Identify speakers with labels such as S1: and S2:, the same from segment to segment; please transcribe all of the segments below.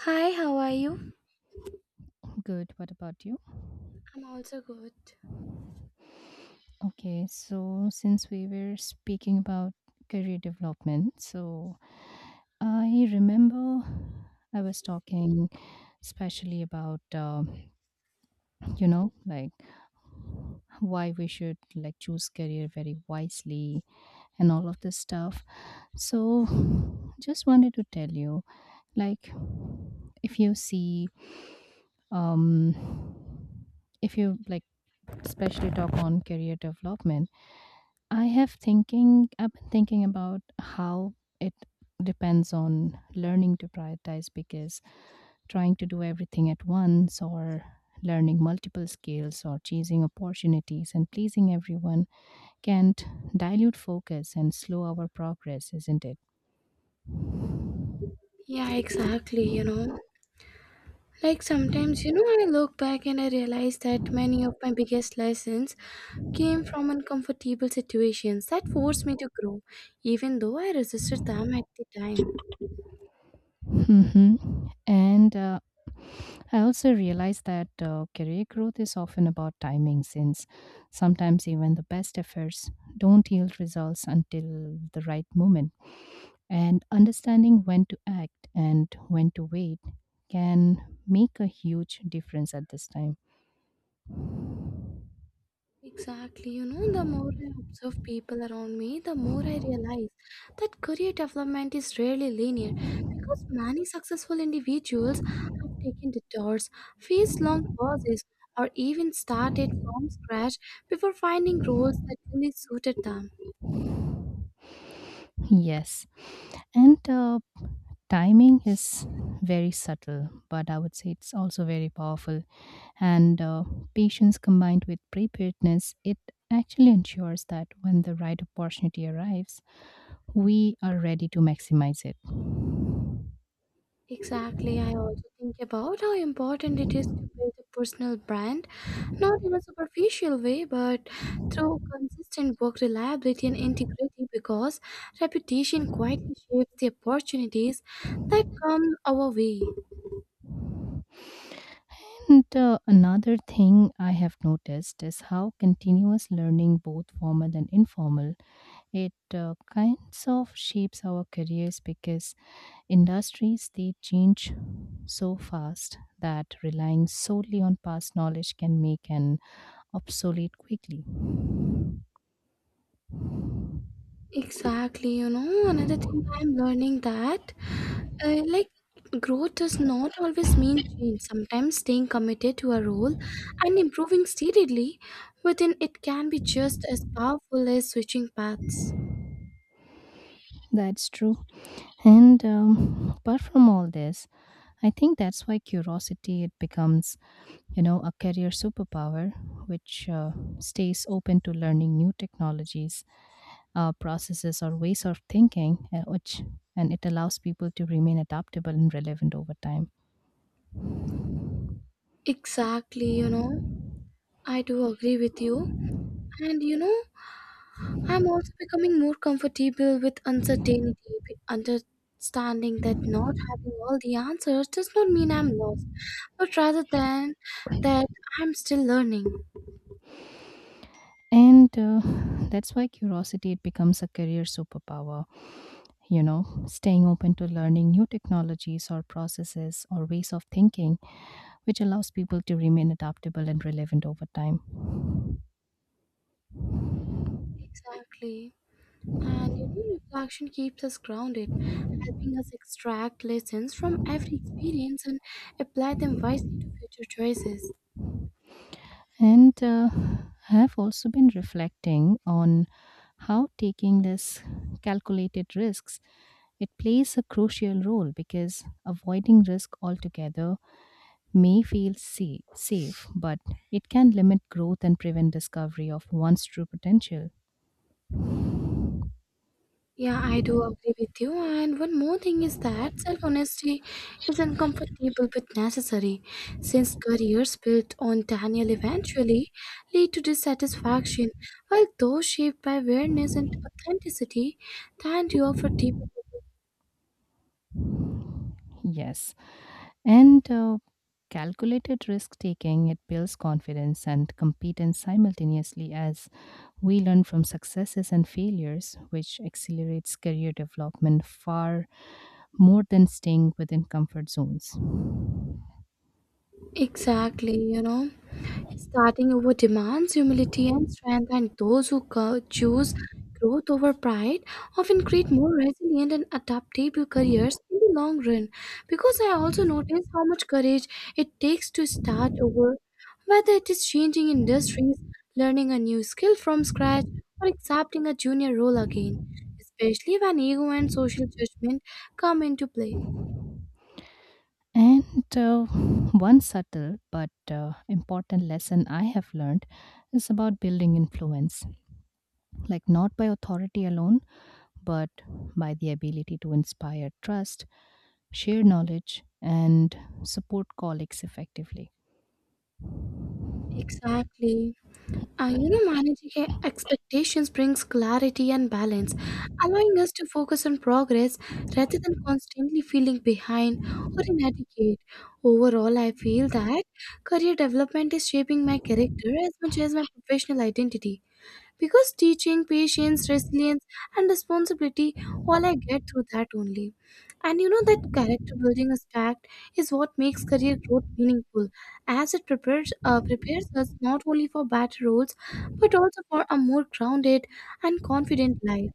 S1: Hi, how are you?
S2: Good. What about you?
S1: I'm also good.
S2: Okay, so since we were speaking about career development, I remember I was talking especially about, you know, like why we should choose career very wisely and all of this stuff. So just wanted to tell you. Like, if you see, um, if you especially talk on career development, I have thinking. I've been thinking about how it depends on learning to prioritize because trying to do everything at once or learning multiple skills or chasing opportunities and pleasing everyone can't dilute focus and slow our progress, isn't it?
S1: Yeah, exactly. You know, like sometimes, you know, I look back and I realize that many of my biggest lessons came from uncomfortable situations that forced me to grow, even though I resisted them at the time.
S2: Mhm. And I also realized that career growth is often about timing, since sometimes even the best efforts don't yield results until the right moment. And understanding when to act and when to wait can make a huge difference at this time.
S1: Exactly. You know, the more I observe people around me, the more I realize that career development is rarely linear because many successful individuals have taken detours, faced long pauses, or even started from scratch before finding roles that truly suited them.
S2: Yes. And Timing is very subtle, but I would say it's also very powerful and patience combined with preparedness, it actually ensures that when the right opportunity arrives, we are ready to maximize it.
S1: Exactly. I also think about how important it is to build a personal brand, not in a superficial way, but through consistent work reliability and integrity, because reputation quietly shapes the opportunities that come our way.
S2: And Another thing I have noticed is how continuous learning, both formal and informal, it kinds of shapes our careers because industries they change so fast that relying solely on past knowledge can make an obsolete quickly.
S1: Exactly, you know, another thing I'm learning that uh, like growth does not always mean change. Sometimes staying committed to a role and improving steadily within it can be just as powerful as switching paths.
S2: That's true. And Apart from all this, I think that's why curiosity it becomes, you know, a career superpower, which stays open to learning new technologies, processes, or ways of thinking, which and it allows people to remain adaptable and relevant over time.
S1: Exactly, you know, I do agree with you. And you know, I'm also becoming more comfortable with uncertainty, with understanding that not having all the answers does not mean I'm lost, but rather than that I'm still learning.
S2: And That's why curiosity it becomes a career superpower, you know, staying open to learning new technologies or processes or ways of thinking which allows people to remain adaptable and relevant over time.
S1: Exactly. And you know, reflection keeps us grounded, helping us extract lessons from every experience and apply them wisely to future choices.
S2: And I have also been reflecting on how taking this calculated risks it plays a crucial role because avoiding risk altogether may feel safe but it can limit growth and prevent discovery of one's true potential.
S1: Yeah, I do agree with you. And one more thing is that self honesty is uncomfortable but necessary, since careers built on Daniel eventually lead to dissatisfaction, while those shaped by awareness and authenticity tend to offer deeper.
S2: Yes. And Calculated risk taking, it builds confidence and competence simultaneously as we learn from successes and failures, which accelerates career development far more than staying within comfort zones.
S1: Exactly, you know, starting over demands humility and strength, and those who choose growth over pride often create more resilient and adaptable careers in the long run. Because I also notice how much courage it takes to start over, whether it is changing industries, learning a new skill from scratch, or accepting a junior role again, especially when ego and social judgment come into play.
S2: And One subtle but important lesson I have learned is about building influence, like not by authority alone, but by the ability to inspire trust, share knowledge, and support colleagues effectively.
S1: Exactly. You know, managing expectations brings clarity and balance, allowing us to focus on progress rather than constantly feeling behind or inadequate. Overall, I feel that career development is shaping my character as much as my professional identity, because teaching patience, resilience, and responsibility, all I get through that only. And you know, that character building aspect is what makes career growth meaningful, as it prepares us not only for better roles but also for a more grounded and confident life.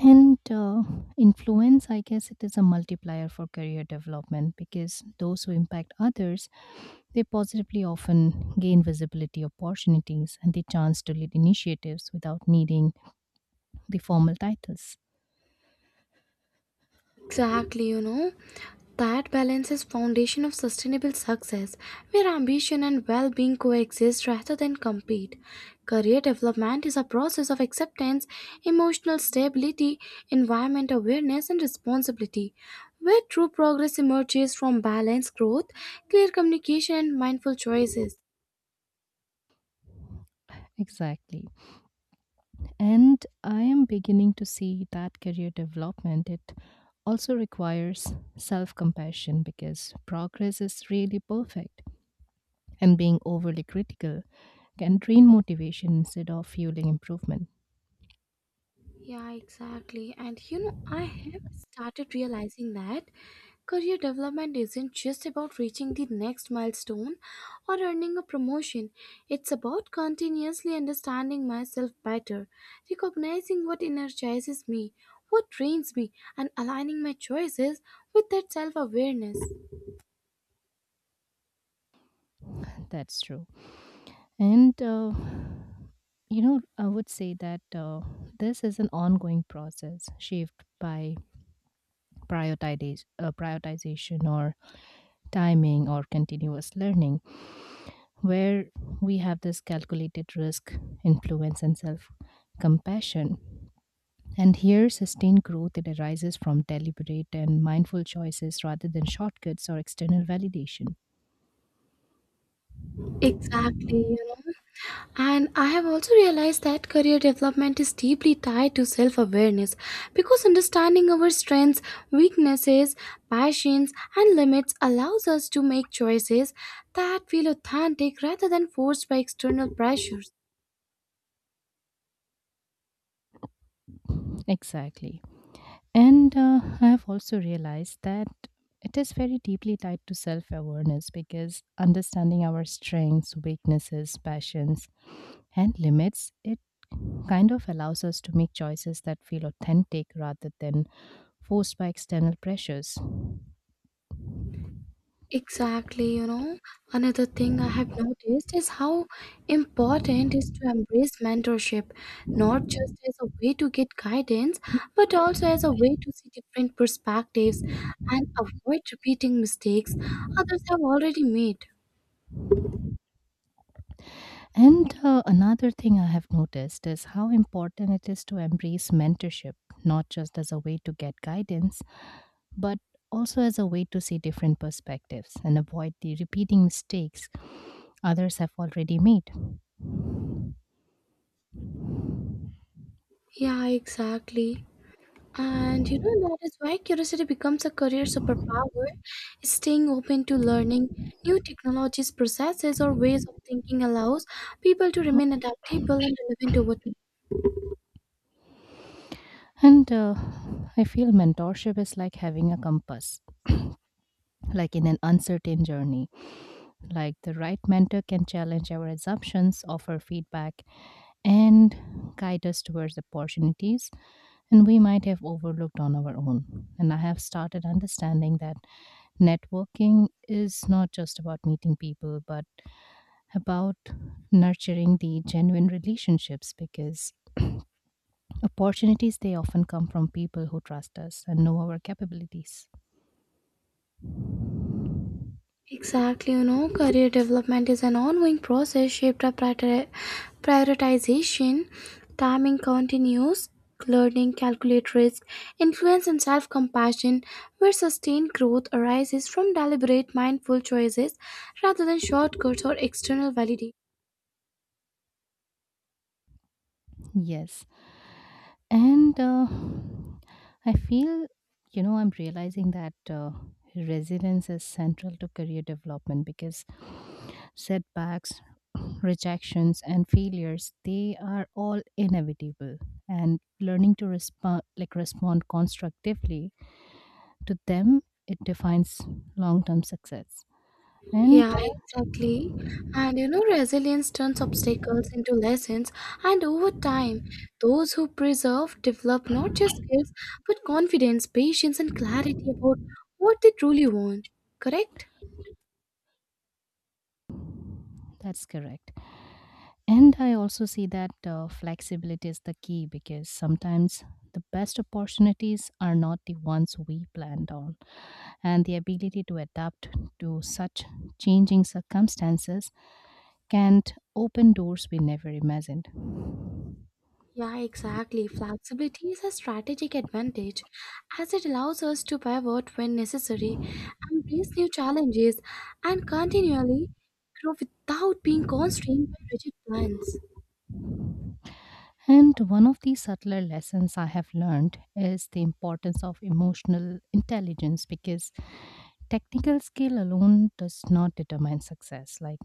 S2: And Influence, I guess it is a multiplier for career development because those who impact others, they positively often gain visibility opportunities and the chance to lead initiatives without needing the formal titles.
S1: Exactly, you know, that balance is foundation of sustainable success, where ambition and well-being coexist rather than compete. Career development is a process of acceptance, emotional stability, environment awareness, and responsibility, where true progress emerges from balanced growth, clear communication, and mindful choices.
S2: Exactly. And I am beginning to see that career development, it also requires self compassion because progress is really perfect and being overly critical can drain motivation instead of fueling improvement.
S1: Yeah, exactly. And you know, I have started realizing that career development isn't just about reaching the next milestone or earning a promotion. It's about continuously understanding myself better, recognizing what energizes me, what drains me, and aligning my choices with that self awareness.
S2: That's true. And, uh, you know, I would say that this is an ongoing process shaped by prioritization or timing or continuous learning, where we have this calculated risk, influence, and self compassion. And here, sustained growth it arises from deliberate and mindful choices rather than shortcuts or external validation.
S1: Exactly. You. And I have also realized that career development is deeply tied to self awareness, because understanding our strengths, weaknesses, passions, and limits allows us to make choices that feel authentic rather than forced by external pressures.
S2: Exactly. And I have also realized that it is very deeply tied to self awareness because understanding our strengths, weaknesses, passions, and limits, it kind of allows us to make choices that feel authentic rather than forced by external pressures.
S1: Exactly, you know, another thing I have noticed is how important is to embrace mentorship, not just as a way to get guidance, but also as a way to see different perspectives and avoid repeating mistakes others have already made.
S2: And Another thing I have noticed is how important it is to embrace mentorship, not just as a way to get guidance, but also as a way to see different perspectives and avoid the repeating mistakes others have already made.
S1: Yeah, exactly. And you know, that is why curiosity becomes a career superpower, staying open to learning. New technologies, processes, or ways of thinking allows people to remain adaptable and relevant over time.
S2: And I feel mentorship is like having a compass, like in an uncertain journey. Like the right mentor can challenge our assumptions, offer feedback, and guide us towards opportunities and we might have overlooked on our own. And I have started understanding that networking is not just about meeting people, but about nurturing the genuine relationships because opportunities they often come from people who trust us and know our capabilities.
S1: Exactly, you know, career development is an ongoing process shaped by prioritization, timing, continuous learning, calculate risk, influence, and self compassion, where sustained growth arises from deliberate, mindful choices rather than shortcuts or external validation.
S2: Yes. And I feel, you know, I'm realizing that resilience is central to career development because setbacks, rejections, and failures, they are all inevitable. And learning to respond, like respond constructively to them, it defines long-term success. And
S1: Yeah, exactly. And you know, resilience turns obstacles into lessons, and over time, those who preserve develop not just skills but confidence, patience, and clarity about what they truly want. Correct?
S2: that's correct. And I also see that flexibility is the key because sometimes the best opportunities are not the ones we planned on. And the ability to adapt to such changing circumstances can open doors we never imagined.
S1: Yeah, exactly. Flexibility is a strategic advantage as it allows us to pivot when necessary, embrace new challenges, and continually grow without being constrained by rigid plans.
S2: And one of the subtler lessons I have learned is the importance of emotional intelligence because technical skill alone does not determine success. Like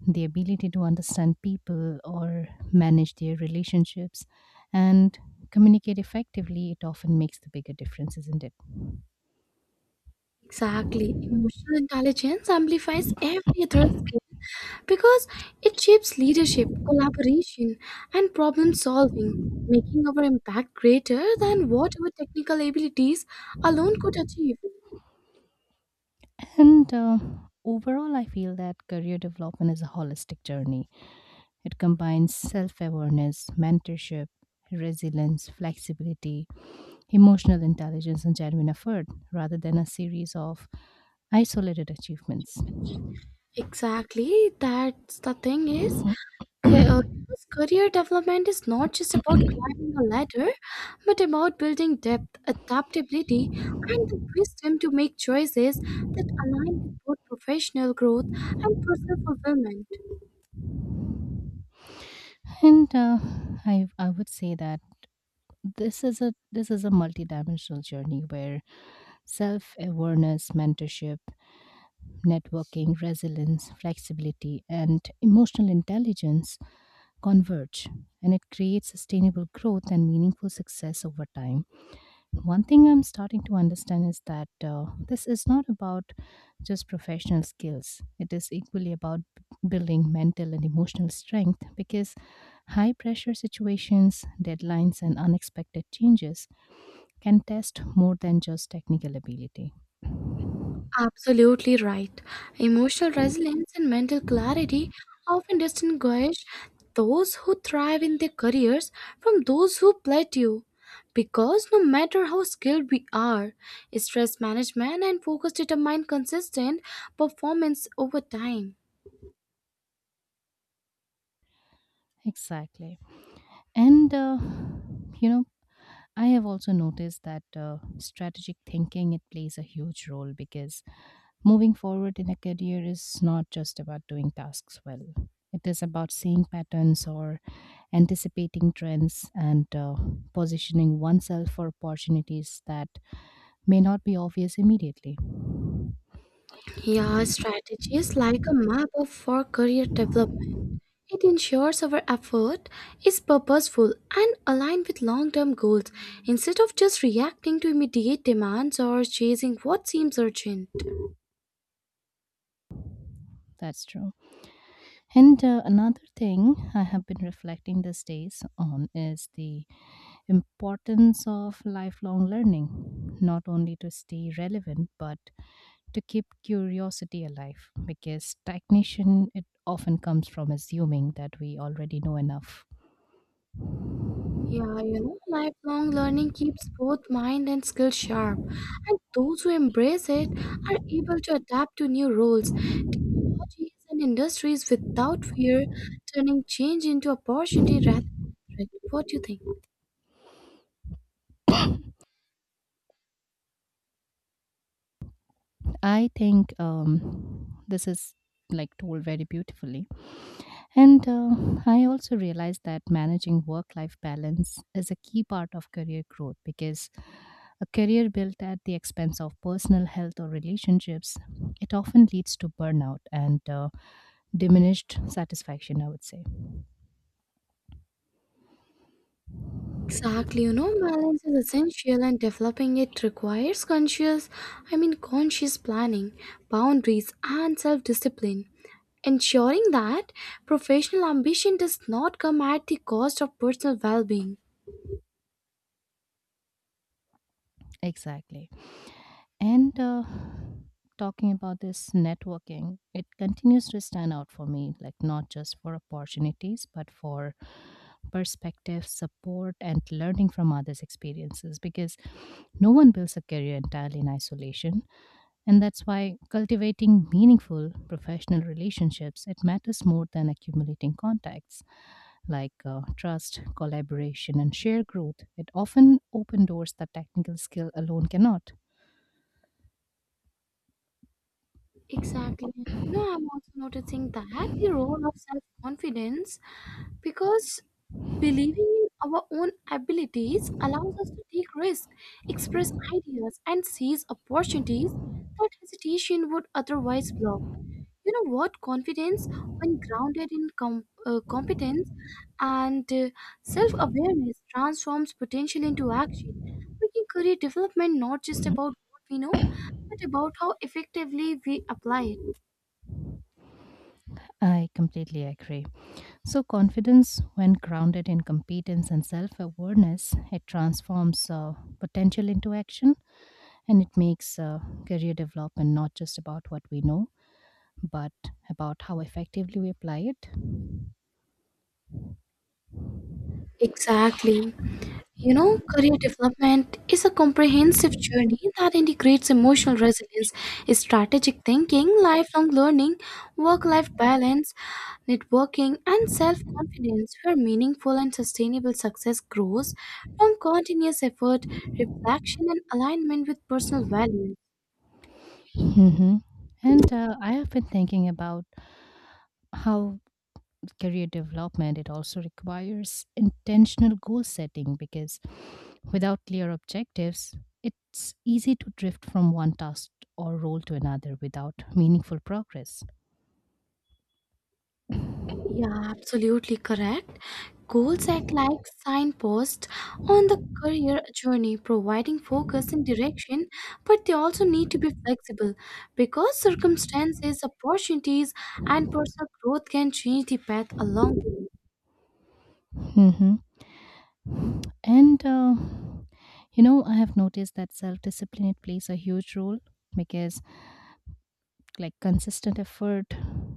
S2: the ability to understand people or manage their relationships and communicate effectively, it often makes the bigger difference, isn't it?
S1: Exactly. Emotional intelligence amplifies every other skill because it shapes leadership, collaboration, and problem solving, making our impact greater than what our technical abilities alone could achieve.
S2: And Overall, I feel that career development is a holistic journey, it combines self awareness, mentorship, resilience, flexibility, emotional intelligence, and genuine effort rather than a series of isolated achievements.
S1: Exactly, that's the thing is.
S2: and
S1: Because career development is not just about climbing a ladder, but about building depth, adaptability, and the wisdom to make choices that align with both professional growth and personal fulfillment.
S2: uh, I would say that this is a multidimensional journey where self awareness, mentorship, networking, resilience, flexibility, and emotional intelligence converge, and it creates sustainable growth and meaningful success over time. One thing I'm starting to understand is that this is not about just professional skills. It is equally about building mental and emotional strength because high pressure situations, deadlines, and unexpected changes can test more than just technical ability.
S1: Absolutely right. Emotional resilience and mental clarity often distinguish those who thrive in their careers from those who plateau. Because no matter how skilled we are, stress management and focus determine consistent performance over time.
S2: Exactly. And, uh, you know, I have also noticed that strategic thinking, it plays a huge role because moving forward in a career is not just about doing tasks well. It is about seeing patterns or anticipating trends and positioning oneself for opportunities that may not be obvious immediately.
S1: Yeah, strategy is like a map of for career development. It ensures our effort is purposeful and aligned with long-term goals instead of just reacting to immediate demands or chasing what seems urgent.
S2: That's true. And Another thing I have been reflecting these days on is the importance of lifelong learning, not only to stay relevant, but to keep curiosity alive because stagnation it often comes from assuming that we already know enough.
S1: Yeah, you know, lifelong learning keeps both mind and skill sharp, and those who embrace it are able to adapt to new roles, technologies, and industries without fear, turning change into opportunity rather than threat. What do you think?
S2: I think this is like told very beautifully and I also realized that managing work life balance is a key part of career growth because a career built at the expense of personal health or relationships it often leads to burnout and diminished satisfaction I would say.
S1: Exactly, you know, balance is essential and developing it requires conscious planning, boundaries, and self discipline. Ensuring that professional ambition does not come at the cost of personal well being.
S2: Exactly. And Talking about this networking, it continues to stand out for me, like not just for opportunities, but for perspective, support, and learning from others' experiences. Because no one builds a career entirely in isolation, and that's why cultivating meaningful professional relationships it matters more than accumulating contacts like trust, collaboration, and shared growth. It often open doors that technical skill alone cannot.
S1: Exactly. You know, I'm also noticing that the role of self confidence, because believing in our own abilities allows us to take risks, express ideas, and seize opportunities that hesitation would otherwise block. You know what? Confidence, when grounded in competence and self awareness, transforms potential into action, making career development not just about what we know, but about how effectively we apply it.
S2: I completely agree. So, confidence, when grounded in competence and self awareness, it transforms potential into action and it makes career development not just about what we know, but about how effectively we apply it.
S1: Exactly. You know, career development is a comprehensive journey that integrates emotional resilience, strategic thinking, lifelong learning, work life balance, networking, and self confidence, where meaningful and sustainable success grows from continuous effort, reflection, and alignment with personal values.
S2: Hmm. And I have been thinking about how career development, it also requires intentional goal setting because without clear objectives, it's easy to drift from one task or role to another without meaningful progress.
S1: Yeah, absolutely correct. Goals act like signposts on the career journey, providing focus and direction, but they also need to be flexible because circumstances, opportunities, and personal growth can change the path along the way.
S2: Hmm. And, uh, you know, I have noticed that self discipline it plays a huge role because, like, consistent effort,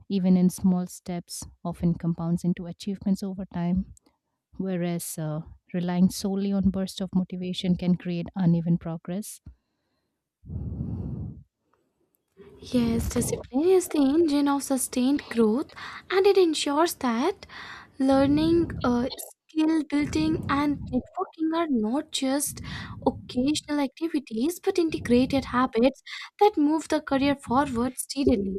S2: even in small steps, often compounds into achievements over time whereas relying solely on bursts of motivation can create uneven progress.
S1: Yes, discipline is the engine of sustained growth and it ensures that learning, skill building, and networking are not just occasional activities but integrated habits that move the career forward steadily.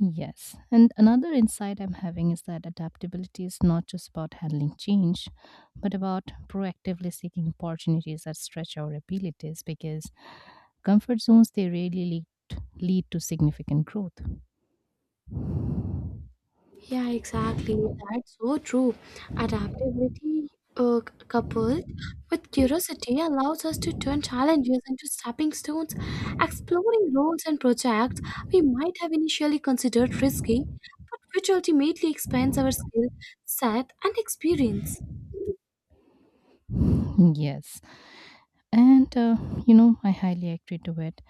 S2: Yes. And another insight I'm having is that adaptability is not just about handling change, but about proactively seeking opportunities that stretch our abilities because comfort zones they rarely lead to significant growth.
S1: Yeah, exactly. That's so true. Adaptability, coupled with curiosity, allows us to turn challenges into stepping stones, exploring roles and projects we might have initially considered risky, but which ultimately expands our skill set and experience.
S2: Yes. and You know, I highly agree to it.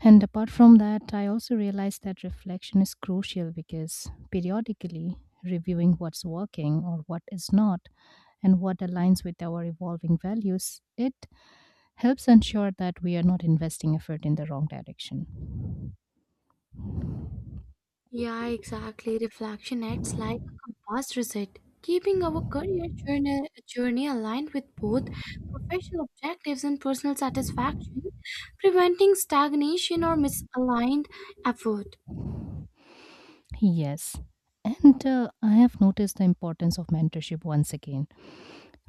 S2: And apart from that, I also realized that reflection is crucial because periodically reviewing what's working or what is not and what aligns with our evolving values it helps ensure that we are not investing effort in the wrong direction.
S1: Yeah, exactly. Reflection acts like a compass reset, keeping our career journey aligned with both professional objectives and personal satisfaction, preventing stagnation or misaligned effort.
S2: Yes. and I have noticed the importance of mentorship once again,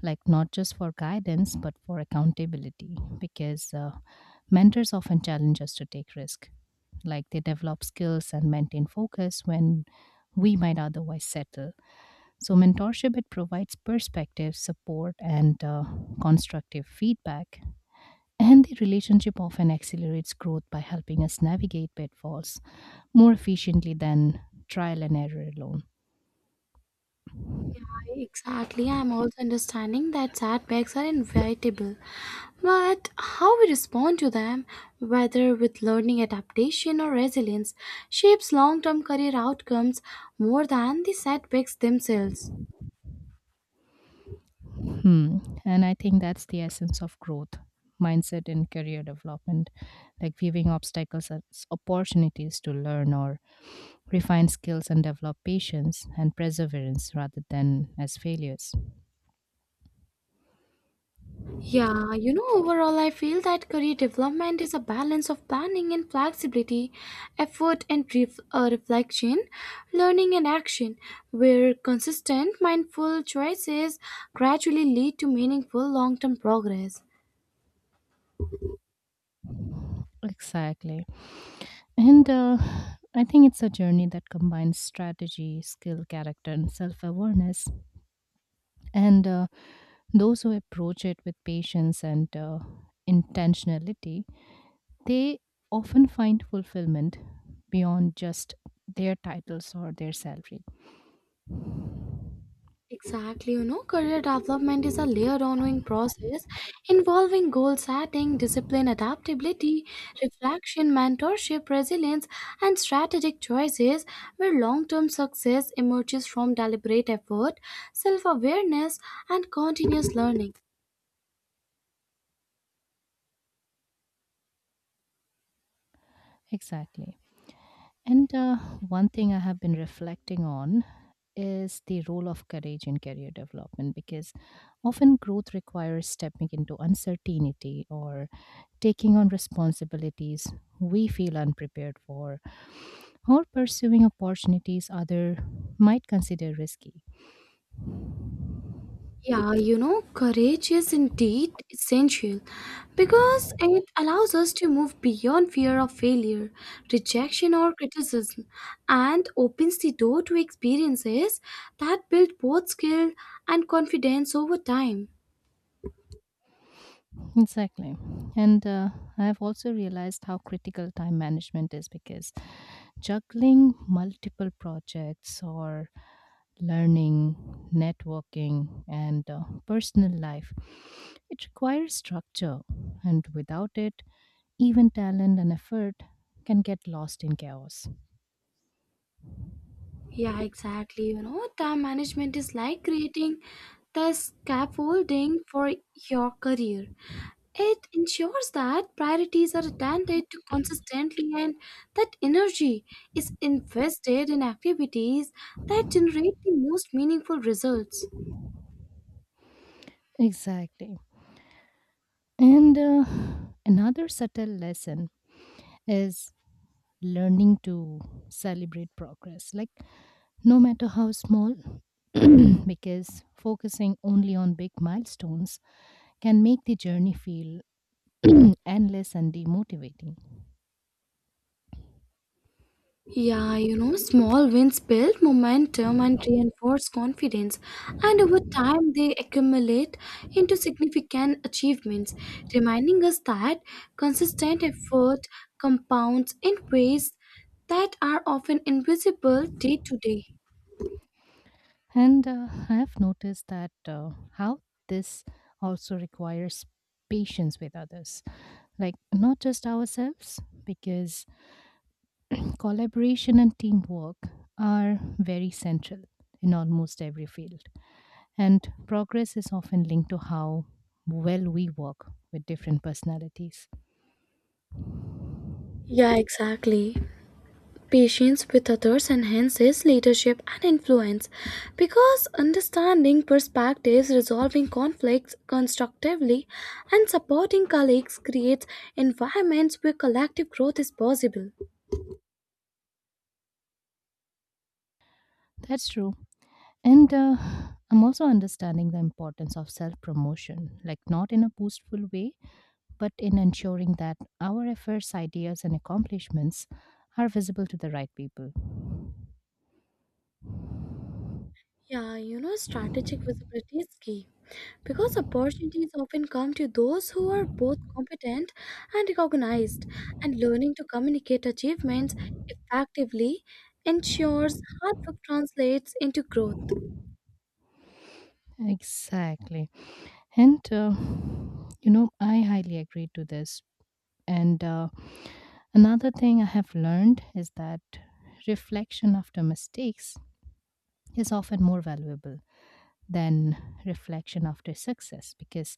S2: like not just for guidance but for accountability because mentors often challenge us to take risk, like they develop skills and maintain focus when we might otherwise settle. So mentorship it provides perspective, support, and constructive feedback. And the relationship often accelerates growth by helping us navigate pitfalls more efficiently than trial and error alone.
S1: Exactly, I'm also understanding that setbacks are inevitable, but how we respond to them, whether with learning, adaptation, or resilience, shapes long term career outcomes more than the setbacks themselves.
S2: Hmm. And I think that's the essence of growth mindset and career development, like viewing obstacles as opportunities to learn or refine skills and develop patience and perseverance rather than as failures.
S1: Yeah, you know, overall, I feel that career development is a balance of planning and flexibility, effort and reflection, learning and action, where consistent, mindful choices gradually lead to meaningful long term progress.
S2: Exactly. And I think it's a journey that combines strategy, skill, character, and self awareness. And Those who approach it with patience and intentionality, they often find fulfillment beyond just their titles or their salary.
S1: Exactly, you know, career development is a layered ongoing process involving goal setting, discipline, adaptability, reflection, mentorship, resilience, and strategic choices, where long term success emerges from deliberate effort, self awareness, and continuous learning.
S2: Exactly. And One thing I have been reflecting on is the role of courage in career development because often growth requires stepping into uncertainty or taking on responsibilities we feel unprepared for or pursuing opportunities other might consider risky.
S1: Yeah, you know, courage is indeed essential because it allows us to move beyond fear of failure, rejection, or criticism and opens the door to experiences that build both skill and confidence over time.
S2: Exactly. And I've also realized how critical time management is because juggling multiple projects or learning, networking, and personal life. It requires structure, and without it, even talent and effort can get lost in chaos.
S1: Yeah, exactly. You know, time management is like creating the scaffolding for your career. It ensures that priorities are attended to consistently and that energy is invested in activities that generate the most meaningful results.
S2: Exactly. And Another subtle lesson is learning to celebrate progress, like no matter how small, because focusing only on big milestones can make the journey feel endless and demotivating.
S1: Yeah, you know, small wins build momentum and reinforce confidence, and over time they accumulate into significant achievements, reminding us that consistent effort compounds in ways that are often invisible day to day.
S2: And I have noticed that how this also requires patience with others, like not just ourselves, because collaboration and teamwork are very central in almost every field. And progress is often linked to how well we work with different personalities.
S1: Yeah, exactly. Patience with others enhances leadership and influence because understanding perspectives, resolving conflicts constructively, and supporting colleagues creates environments where collective growth is possible.
S2: That's true. And I'm also understanding the importance of self promotion, like not in a boastful way, but in ensuring that our efforts, ideas, and accomplishments are visible to the right people.
S1: Yeah, you know, strategic visibility is key because opportunities often come to those who are both competent and recognized, and learning to communicate achievements effectively ensures hard work translates into growth.
S2: Exactly. And, uh, you know, I highly agree to this. And Another thing I have learned is that reflection after mistakes is often more valuable than reflection after success because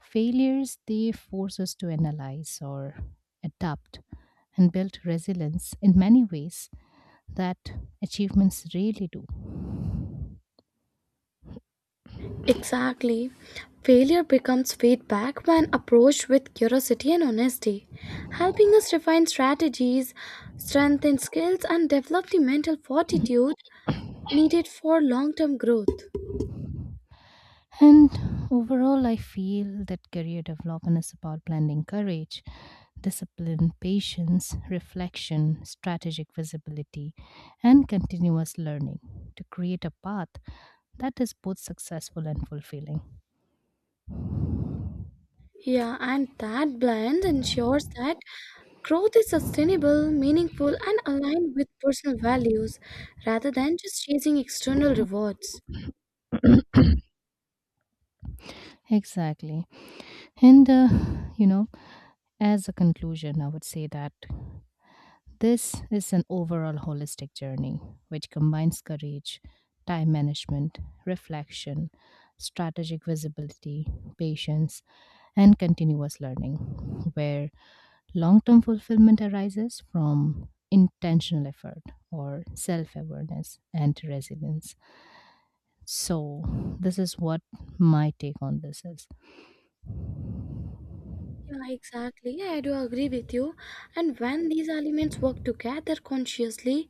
S2: failures they force us to analyze or adapt and build resilience in many ways that achievements really do.
S1: Exactly. Failure becomes feedback when approached with curiosity and honesty, helping us refine strategies, strengthen skills, and develop the mental fortitude needed for long term growth.
S2: And overall, I feel that career development is about blending courage, discipline, patience, reflection, strategic visibility, and continuous learning to create a path that is both successful and fulfilling.
S1: Yeah, and that blend ensures that growth is sustainable, meaningful, and aligned with personal values rather than just chasing external rewards.
S2: Exactly. And, uh, you know, as a conclusion, I would say that this is an overall holistic journey which combines courage, time management, reflection, strategic visibility, patience, and continuous learning, where long term fulfillment arises from intentional effort or self awareness and resilience. So, this is what my take on this is.
S1: Yeah, exactly. Yeah, I do agree with you. And when these elements work together consciously,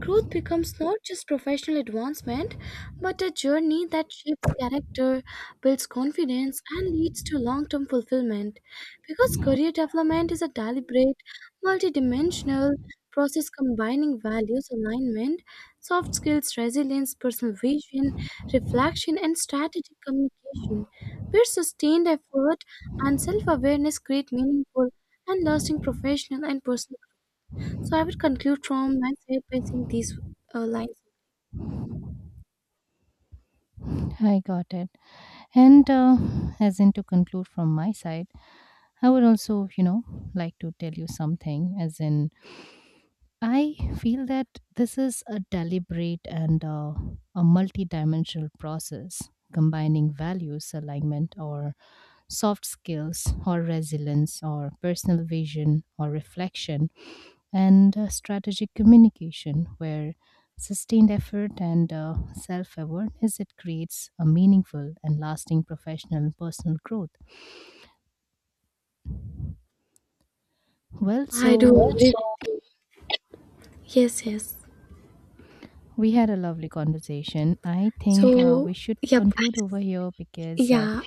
S1: growth becomes not just professional advancement, but a journey that shapes character, builds confidence, and leads to long term fulfillment. Because career development is a deliberate, multidimensional process combining values alignment, soft skills, resilience, personal vision, reflection, and strategic communication, where sustained effort and self awareness create meaningful and lasting professional and personal. So I would conclude from my side by saying these lines.
S2: I got it. And As in to conclude from my side, I would also, you know, like to tell you something. As in, I feel that this is a deliberate and a multidimensional process combining values alignment or soft skills or resilience or personal vision or reflection and strategic communication, where sustained effort and self awareness it creates a meaningful and lasting professional and personal growth. Well,
S1: I do
S2: so
S1: agree. Yes, yes.
S2: we had a lovely conversation. I think we
S1: So,
S2: should
S1: yep.
S2: conclude over here because
S1: Yeah.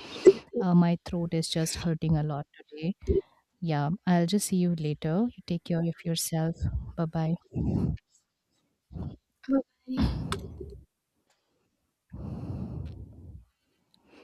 S2: my throat is just hurting a lot today. Yeah, I'll just see you later. You take care of yourself. Bye bye.
S1: Bye.